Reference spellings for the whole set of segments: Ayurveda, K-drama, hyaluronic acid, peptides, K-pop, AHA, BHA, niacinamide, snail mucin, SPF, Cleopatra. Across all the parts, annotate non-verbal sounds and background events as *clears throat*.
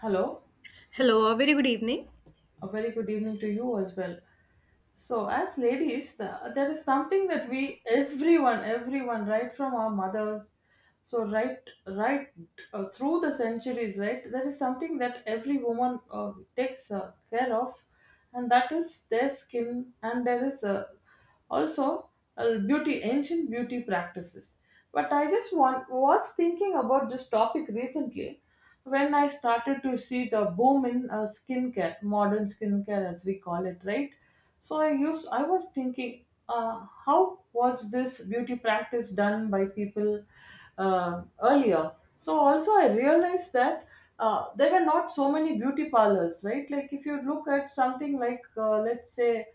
Hello, Hello, a very good evening. a very good evening to you as well. So, as ladies, there is something that everyone, everyone, right from our mothers, so right, right through the centuries, right, there is something that every woman takes care of, and that is their skin, and there is a also beauty ancient beauty practices but I was thinking about this topic recently when I started to see the boom in skincare modern skincare as we call it, right? So I was thinking, how was this beauty practice done by people earlier? So also I realized that there were not so many beauty parlors, right? Like if you look at something like let's say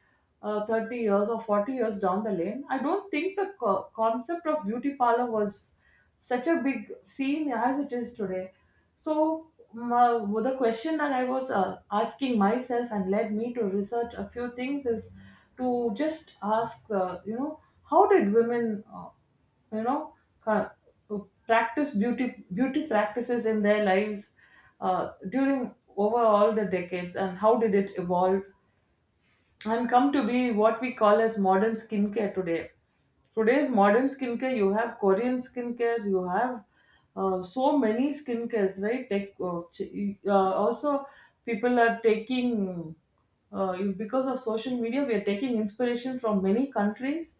30 years or 40 years down the lane, I don't think the concept of beauty parlor was such a big scene as it is today. So, the question that I was asking myself and led me to research a few things is to just ask, how did women, you know, ca- practice beauty practices in their lives during over all the decades, and how did it evolve? And come to be what we call as modern skincare today. Today's modern skincare, you have Korean skincare, you have so many skincares, right? Also, people are taking, because of social media, we are taking inspiration from many countries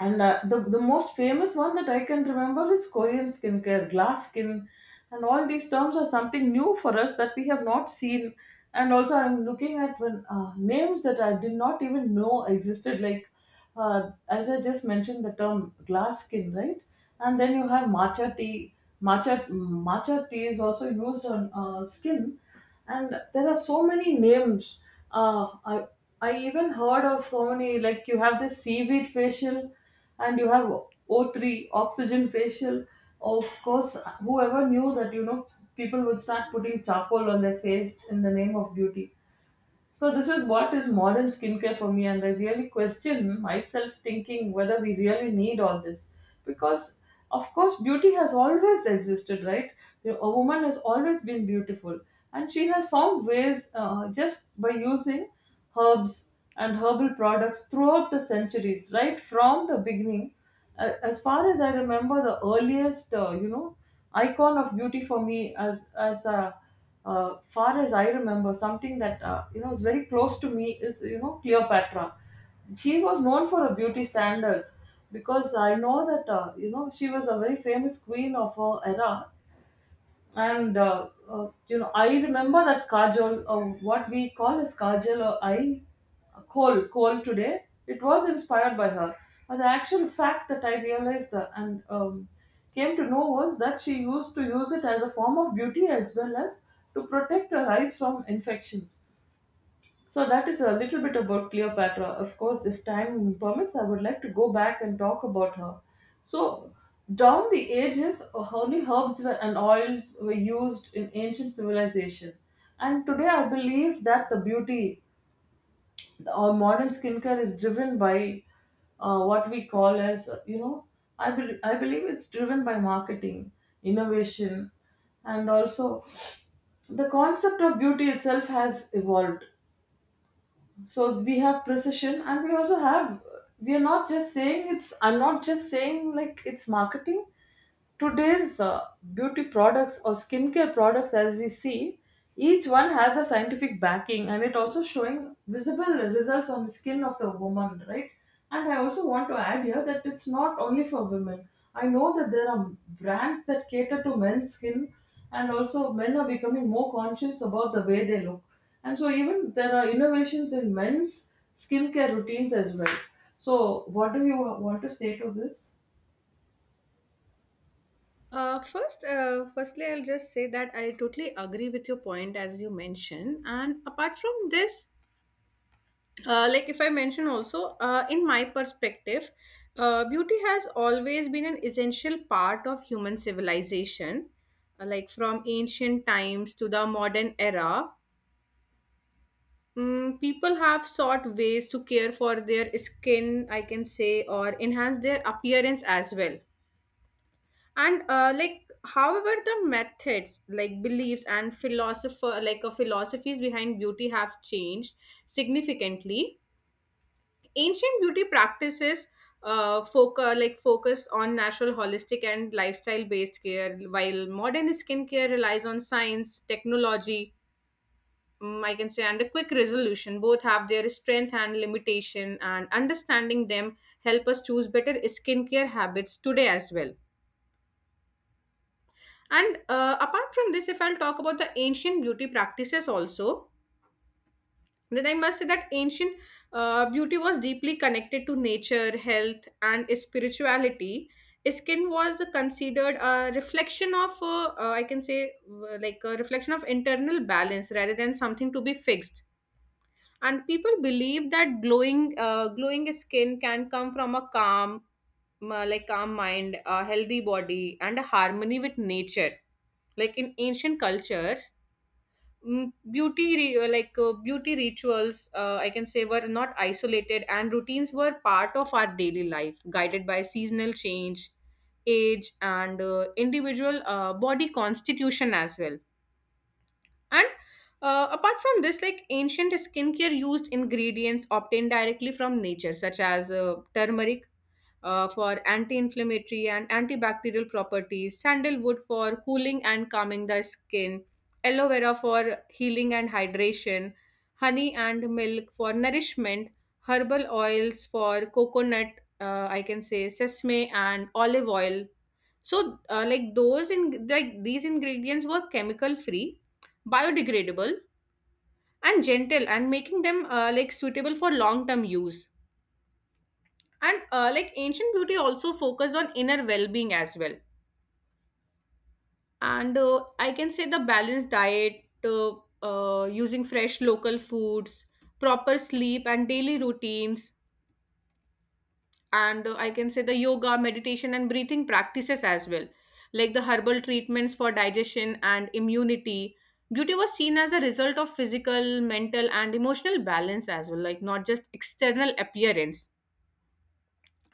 and the most famous one that I can remember is Korean skincare, glass skin. And all these terms are something new for us that we have not seen. And also, I'm looking at when, names that I did not even know existed. Like, as I just mentioned, the term glass skin, right? And then you have matcha tea. Matcha tea is also used on skin, and there are so many names. uh, I, I even heard of so many. Like you have this seaweed facial, and you have o3 oxygen facial. Of course, whoever knew that, you know, people would start putting charcoal on their face in the name of beauty. So this is what is modern skincare for me, and I really question myself thinking whether we really need all this, because, of course, beauty has always existed, right? A woman has always been beautiful, and she has found ways just by using herbs and herbal products throughout the centuries, right from the beginning. As far as I remember, the earliest, icon of beauty for me as a far as I remember, something that, you know, is very close to me is, you know, Cleopatra. She was known for her beauty standards because I know that, she was a very famous queen of her era, and I remember that kajol, what we call as kajal, or I coal coal today. It was inspired by her, and the actual fact that I realized and came to know was that she used to use it as a form of beauty as well as to protect her eyes from infections. So that is a little bit about Cleopatra. Of course, if time permits, I would like to go back and talk about her. So down the ages, only herbs were, and oils were used in ancient civilization. And today, I believe that the beauty or modern skincare is driven by what we call as you know, I bel I believe it's driven by marketing, innovation, and also the concept of beauty itself has evolved. So we have precision, and we also have, we are not just saying it's I'm not just saying like it's marketing. Today's beauty products or skincare products, as we see, each one has a scientific backing, and it also showing visible results on the skin of the woman, right? And I also want to add here that it's not only for women. I know that there are brands that cater to men's skin, and also men are becoming more conscious about the way they look, and so even there are innovations in men's skincare routines as well. So what do you want to say to this? Firstly, I'll just say that I totally agree with your point as you mentioned. And apart from this, like if I mention also, in my perspective, beauty has always been an essential part of human civilization. Like from ancient times to the modern era, people have sought ways to care for their skin, I can say, or enhance their appearance as well. And like, however, the methods, like beliefs and philosopher like philosophies behind beauty have changed significantly. Ancient beauty practices focus on natural, holistic and lifestyle based care, while modern skincare relies on science, technology, I can say, and a quick resolution. Both have their strength and limitation, and understanding them help us choose better skincare habits today as well. And apart from this, if I'll talk about the ancient beauty practices also, then I must say that ancient beauty was deeply connected to nature, health, and spirituality. Skin was considered a reflection of, I can say, like a reflection of internal balance rather than something to be fixed. And people believe that glowing skin can come from a calm mind, a healthy body, and a harmony with nature, like in ancient cultures. Mm, beauty re- like Beauty rituals, I can say, were not isolated, and routines were part of our daily life, guided by seasonal change, age and individual body constitution as well. And apart from this, like, ancient skincare used ingredients obtained directly from nature, such as turmeric for anti-inflammatory and antibacterial properties, sandalwood for cooling and calming the skin, aloe vera for healing and hydration, honey and milk for nourishment, herbal oils, for coconut, I can say, sesame and olive oil. So, like those in like these ingredients were chemical free, biodegradable, and gentle, and making them like suitable for long term use. And like, ancient beauty also focused on inner well-being as well, and I can say, the balanced diet, uh, using fresh local foods, proper sleep and daily routines, and I can say, the yoga, meditation and breathing practices as well, like the herbal treatments for digestion and immunity. Beauty was seen as a result of physical, mental and emotional balance as well, like not just external appearance.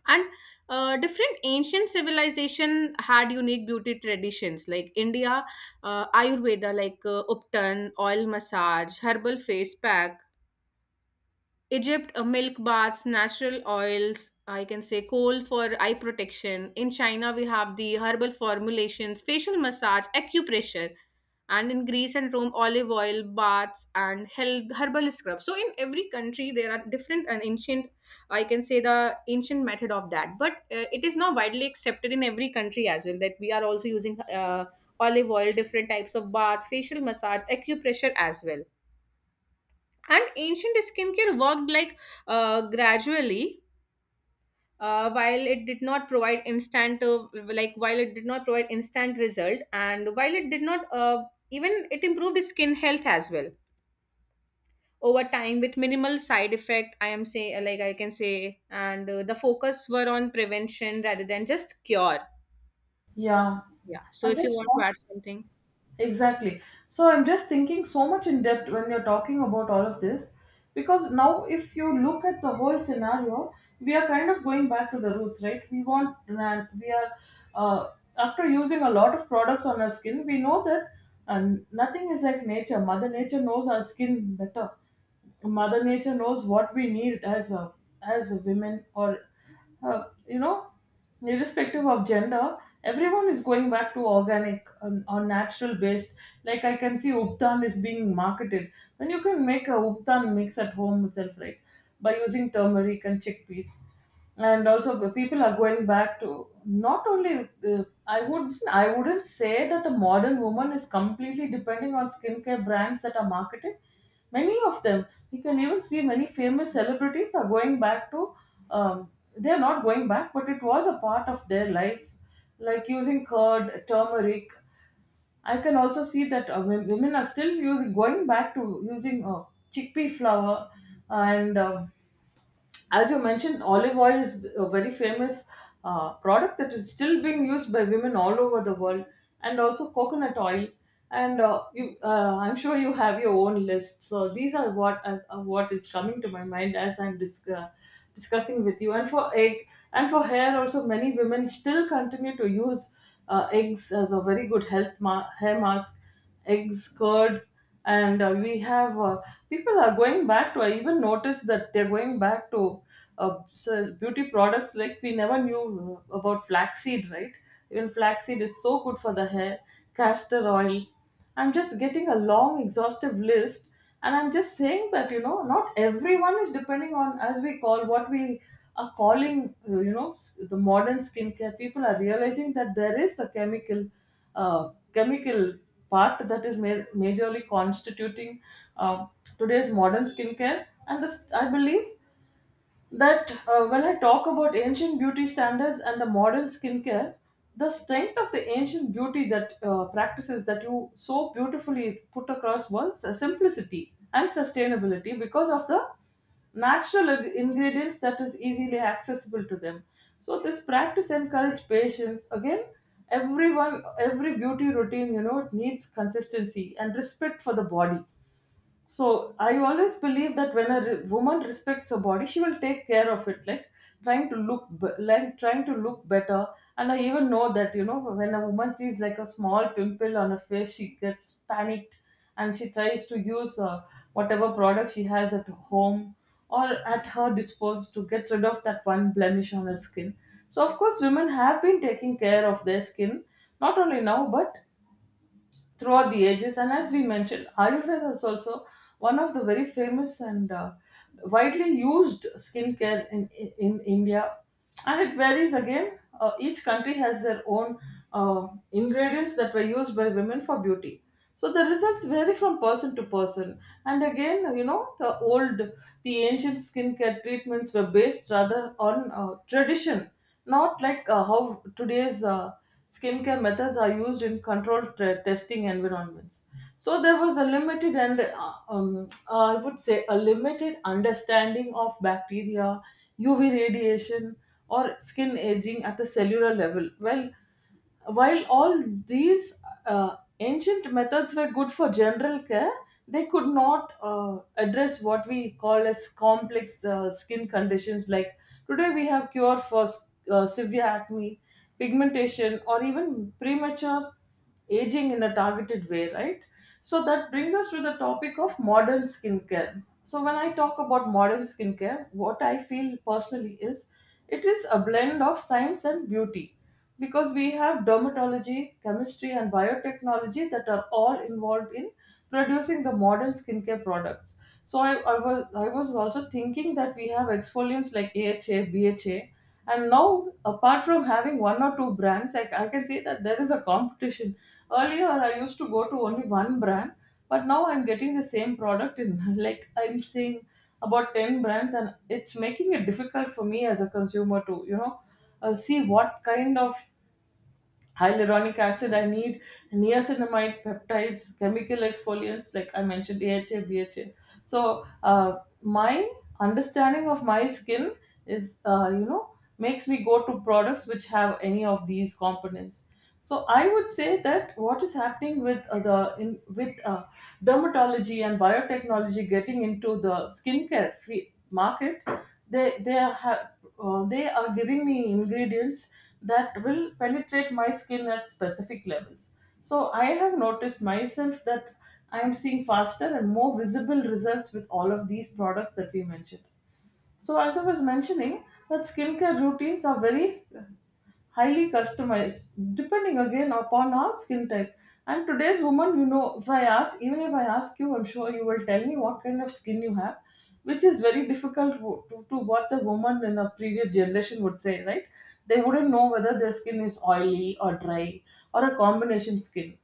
And different ancient civilization had unique beauty traditions, like India, Ayurveda, like uptan, oil massage, herbal face pack; Egypt, milk baths, natural oils, I can say coal for eye protection; in China we have the herbal formulations, facial massage, acupressure; and in Greece and Rome, olive oil baths and herbal scrubs. So in every country there are different and ancient, I can say the ancient method of that, but it is now widely accepted in every country as well, that we are also using olive oil, different types of bath, facial massage, acupressure as well. And ancient skincare worked, like, gradually. Uh, while it did not provide instant like while it did not provide instant result, and while it did not even, it improved skin health as well over time with minimal side effect, I can say. And the focus were on prevention rather than just cure. Yeah, Yeah, so I if you just want to want. add something. Exactly. So I'm just thinking so much in depth when you're talking about all of this, because now if you look at the whole scenario, we are kind of going back to the roots, right? We want land. We are, uh, after using a lot of products on our skin, we know that nothing is like nature. Mother Nature knows our skin better. Mother Nature knows what we need as a, as women, or, uh, you know irrespective of gender, everyone is going back to organic or natural based. Like I can see uptan is being marketed when you can make a uptan mix at home itself, right, by using turmeric and chickpeas. And also the people are going back to not only, I would, I wouldn't say that the modern woman is completely depending on skincare brands that are marketed. Many of them, you can even see many famous celebrities are going back to, um, they're not going back, but it was a part of their life, like using curd, turmeric. I can also see that women are still using, going back to using chickpea flour, and um, as you mentioned, olive oil is a very famous product that is still being used by women all over the world, and also coconut oil. And I'm sure you have your own list. So these are what is coming to my mind as I'm discussing with you. And for egg and for hair, also many women still continue to use eggs as a very good hair mask, eggs, curd, and we have people are going back to. I even noticed that they're going back to so beauty products. Like we never knew about flaxseed, right? Even flaxseed is so good for the hair, castor oil. I'm just getting a long, exhaustive list, and I'm just saying that, you know, not everyone is depending on, as we call, what we are calling, the modern skincare. People are realizing that there is a chemical part that is majorly constituting uh, today's modern skincare, and this, I believe that, when I talk about ancient beauty standards and the modern skincare, the strength of the ancient beauty that practices that you so beautifully put across was simplicity and sustainability because of the natural ingredients that is easily accessible to them. So this practice encourage patience. Again, everyone, every beauty routine, you know, it needs consistency and respect for the body. So I always believe that when woman respects her body, she will take care of it, like trying to look, like trying to look better. And I even know that, you know, when a woman sees like a small pimple on her face, she gets panicked, and she tries to use whatever product she has at home or at her disposal to get rid of that one blemish on her skin. So of course, women have been taking care of their skin not only now but throughout the ages. And as we mentioned, Ayurveda is also one of the very famous and widely used skincare in India. And it varies again. Each country has their own ingredients that were used by women for beauty. So the results vary from person to person. And again, you know, the ancient skincare treatments were based rather on tradition, not like how today's skincare methods are used in controlled testing environments. So there was a limited and I would say a limited understanding of bacteria, UV radiation, or skin aging at a cellular level. Well, while all these ancient methods were good for general care, they could not address what we call as complex skin conditions. Like today, we have cure for severe acne, pigmentation, or even premature aging in a targeted way, right? So that brings us to the topic of modern skincare. So when I talk about modern skincare, what I feel personally is it is a blend of science and beauty because we have dermatology, chemistry, and biotechnology that are all involved in producing the modern skincare products. So I was also thinking that we have exfoliants like AHA, BHA, and now apart from having one or two brands, I can say that there is a competition. Earlier I used to go to only one brand, but now I'm getting the same product in *laughs* like I'm seeing about 10 brands, and it's making it difficult for me as a consumer to see what kind of hyaluronic acid I need, niacinamide, peptides, chemical exfoliants like I mentioned, DHA, BHA. So uh, my understanding of my skin is, uh, you know makes me go to products which have any of these components. So I would say that what is happening with dermatology and biotechnology getting into the market, they they are ha- they are giving me ingredients that will penetrate my skin at specific levels. So I have noticed myself that I am seeing faster and more visible results with all of these products that we mentioned. So as I was mentioning, that skincare routines are very highly customized, depending again upon our skin type. And today's woman, if I ask, even if I ask you, I'm sure you will tell me what kind of skin you have, which is very difficult to what the woman in a previous generation would say, right? They wouldn't know whether their skin is oily or dry, or a combination skin.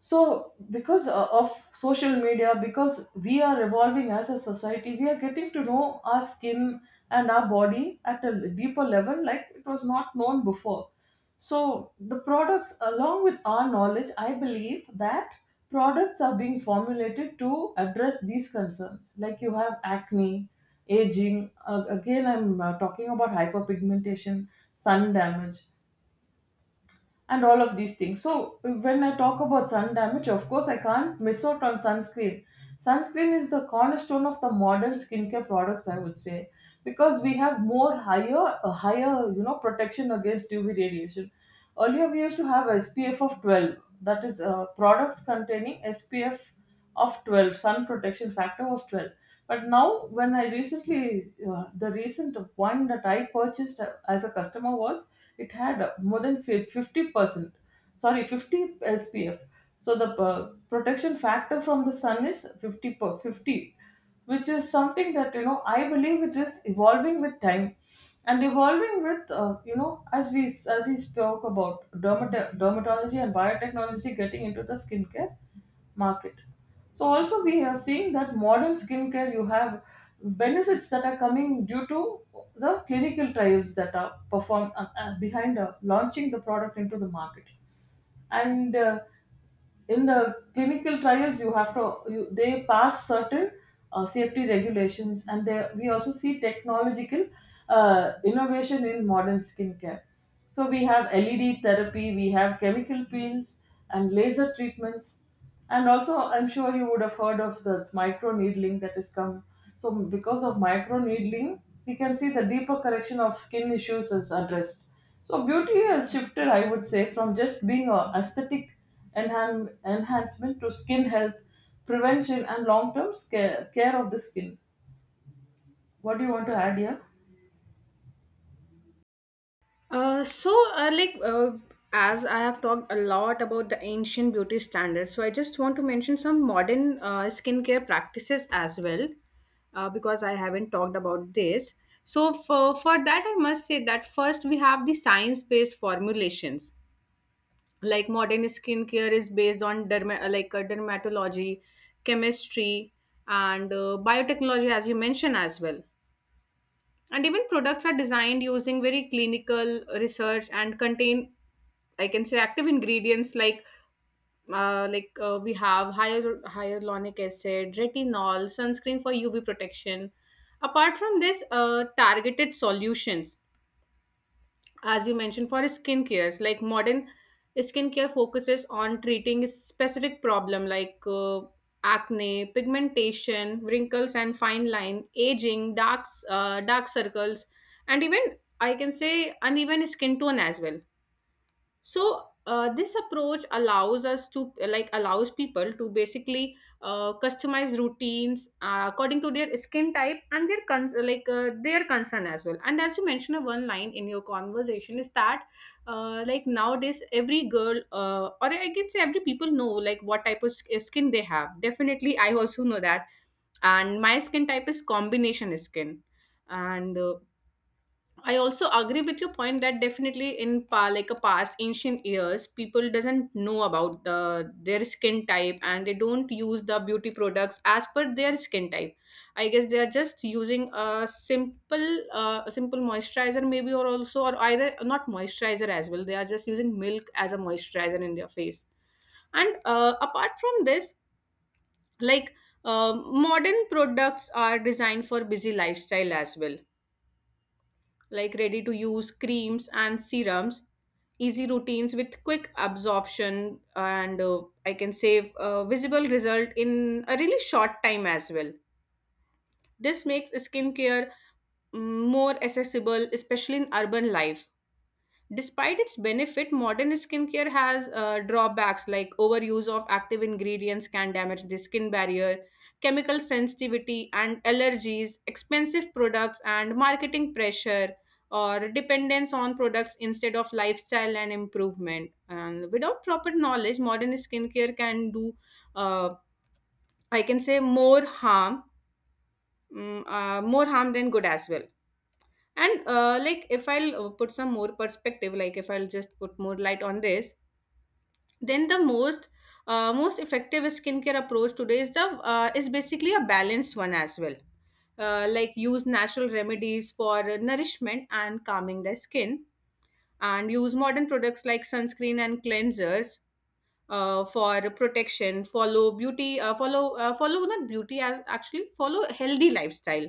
So because of social media, because we are evolving as a society, we are getting to know our skin and our body at a deeper level, like it was not known before. So the products, along with our knowledge, I believe that products are being formulated to address these concerns, like you have acne, aging, again I'm talking about hyperpigmentation, sun damage, and all of these things. So when I talk about sun damage, of course I can't miss out on sunscreen. Sunscreen is the cornerstone of the modern skincare products, I would say, because we have a higher protection against UV radiation. Earlier we used to have SPF of 12, that is products containing SPF of 12, sun protection factor was 12. But now, when I recently the recent one that I purchased as a customer was, it had more than 50%, sorry, 50 SPF, so the protection factor from the sun is 50 per 50, which is something that, I believe it is evolving with time, and evolving with, as we as we spoke about dermatology and biotechnology getting into the skincare market. So also we are seeing that modern skincare, you have benefits that are coming due to the clinical trials that are performed behind launching the product into the market. And in the clinical trials, you have to you, they pass certain safety regulations, and we also see technological innovation in modern skincare. So we have LED therapy, we have chemical peels and laser treatments, and also I'm sure you would have heard of this micro needling that has come. So because of micro needling, we can see the deeper correction of skin issues is addressed. So beauty has shifted, I would say, from just being a aesthetic enhancement to skin health, prevention, and long-term care, care of the skin. What do you want to add here? Uh, so, uh, like, uh, as I have talked a lot about the ancient beauty standards, so I just want to mention some modern skincare practices as well, because I haven't talked about this. So, for that, I must say that first we have the science based formulations. Like, modern skincare is based on dermatology, chemistry, and biotechnology, as you mentioned as well. And even products are designed using very clinical research and contain, I can say, active ingredients like we have hyaluronic acid, retinol, sunscreen for UV protection. Apart from this, targeted solutions, as you mentioned, for skin cares, like modern skincare focuses on treating a specific problem, like acne, pigmentation, wrinkles and fine line, aging, dark circles, and even, I can say, uneven skin tone as well. So this approach allows us to, like, allows people to basically customize routines according to their skin type and their cons- like their concern as well. And as you mentioned, one line in your conversation is that, like, nowadays every girl, or I can say every people, know like what type of skin they have. Definitely I also know that, and my skin type is combination skin. And I also agree with your point that definitely in like a past ancient years, people doesn't know about the their skin type, and they don't use the beauty products as per their skin type. I guess they are just using a simple moisturizer, maybe, or also, or either not moisturizer as well. They are just using milk as a moisturizer in their face. And apart from this, like, modern products are designed for busy lifestyle as well, like ready to use creams and serums, easy routines with quick absorption, and I can save a visible result in a really short time as well. This makes skincare, more accessible, especially in urban life. Despite its benefit, modern skincare has drawbacks, like overuse of active ingredients can damage the skin barrier, chemical sensitivity and allergies, expensive products and marketing pressure, or dependence on products instead of lifestyle and improvement. And without proper knowledge, modern skincare can do, uh, I can say, more harm than good as well. And like, if I'll put some more perspective, like if I'll just put more light on this, then the most effective skincare approach today is the is basically a balanced one as well. Like, use natural remedies for nourishment and calming the skin, and use modern products like sunscreen and cleansers for protection. Follow beauty follow follow not beauty, as actually follow healthy lifestyle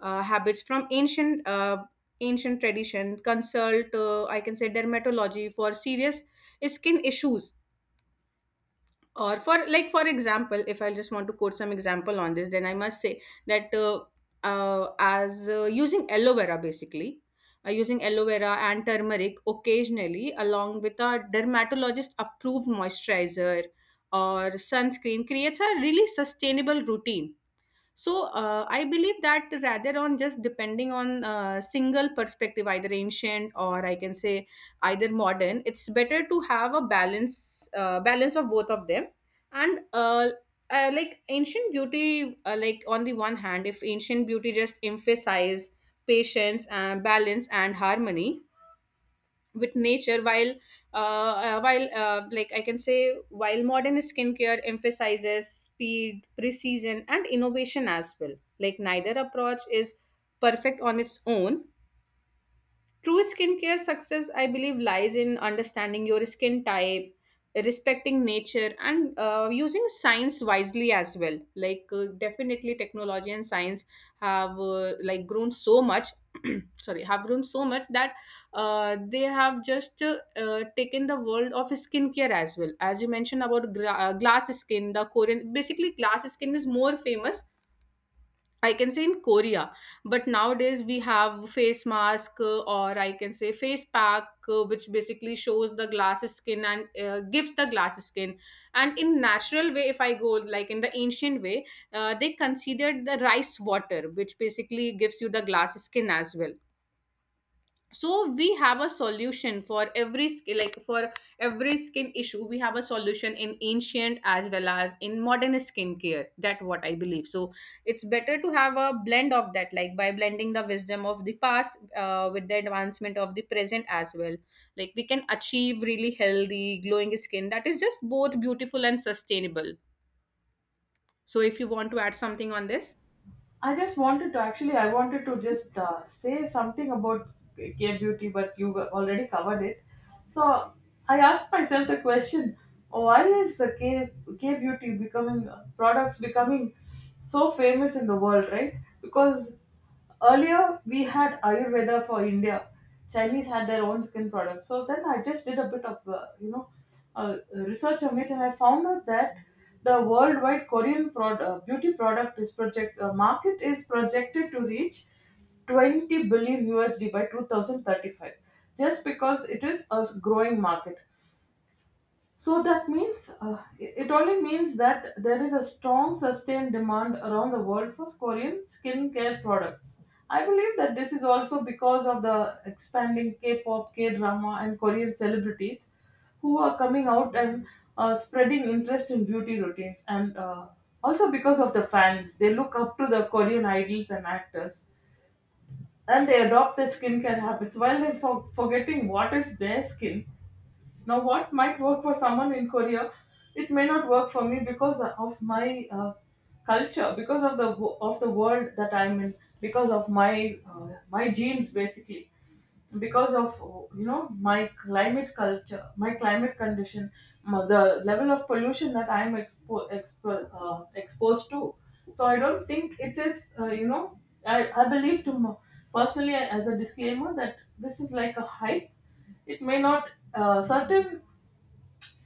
habits from ancient tradition. Consult, I can say, dermatology for serious skin issues. Or for, like, for example, if I just want to quote some example on this, then I must say that as using aloe vera, basically, using aloe vera and turmeric occasionally along with a dermatologist approved moisturizer or sunscreen creates a really sustainable routine. So I believe that rather on just depending on single perspective, either ancient or, I can say, either modern, it's better to have a balance of both of them. And like, ancient beauty, like, on the one hand, if ancient beauty just emphasize patience and balance and harmony with nature, while I can say, while modern skincare emphasizes speed, precision and innovation as well, like neither approach is perfect on its own. True skincare success, I believe, lies in understanding your skin type, respecting nature, and using science wisely as well. Like, definitely, technology and science have like grown so much. *clears throat* Sorry, have grown so much that they have just taken the world of skincare as well. As you mentioned about glass skin, the Korean, basically, glass skin is more famous, I can say, in Korea, but nowadays we have face mask, or I can say face pack, which basically shows the glass skin and gives the glass skin. And in natural way, if I go like in the ancient way, they considered the rice water, which basically gives you the glass skin as well. So we have a solution for every skin, like for every skin issue we have a solution in ancient as well as in modern skincare, that what I believe. So it's better to have a blend of that, like by blending the wisdom of the past with the advancement of the present as well, like we can achieve really healthy glowing skin that is just both beautiful and sustainable. So if you want to add something on this. I just wanted to actually, I wanted to just say something about care beauty, but you already covered it. So I asked myself the question: why is the care beauty becoming so famous in the world, right? Because earlier, we had Ayurveda for India. Chinese had their own skin products. So then I just did a bit of, research on it, and I found out that the worldwide beauty product is project, market is projected to reach 20 billion USD by 2035, just because it is a growing market. So that means it only means that there is a strong sustained demand around the world for Korean skincare products. I believe that this is also because of the expanding K-pop, K-drama, and Korean celebrities who are coming out and spreading interest in beauty routines, and also because of the fans. They look up to the Korean idols and actors, and they adopt their skincare habits while they're forgetting what is their skin. Now, what might work for someone in Korea, it may not work for me because of my culture, because of the of the world that I'm in, because of my genes, basically, because of, my climate culture, my climate condition, the level of pollution that I'm exposed to. So I don't think it is, I believe personally, as a disclaimer, that this is like a hype. It may not certain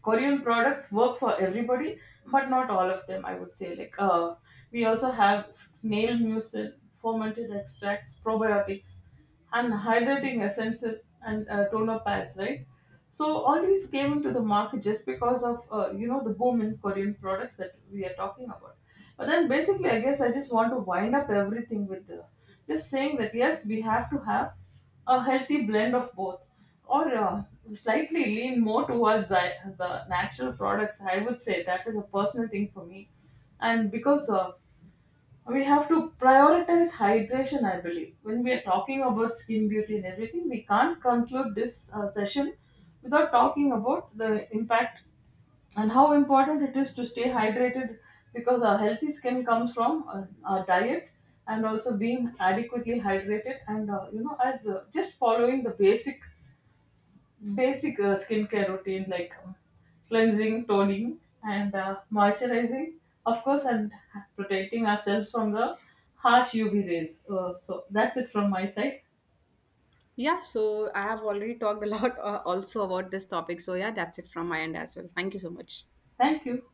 Korean products work for everybody, but not all of them. I would say, like, we also have snail mucin, fermented extracts, probiotics, and hydrating essences and toner pads, right? So all these came into the market just because of, the boom in Korean products that we are talking about. But then basically, I guess I just want to wind up everything with just saying that yes, we have to have a healthy blend of both, or slightly lean more towards, the natural products, I would say, that is a personal thing for me. And because we have to prioritize hydration, I believe, when we are talking about skin beauty and everything, we can't conclude this session without talking about the impact and how important it is to stay hydrated, because our healthy skin comes from our diet, and also being adequately hydrated, and as just following the basic skincare routine like cleansing, toning, and moisturizing, of course, and protecting ourselves from the harsh UV rays. So that's it from my side. Yeah, so I have already talked a lot, also, about this topic, so yeah, that's it from my end as well. Thank you so much. Thank you.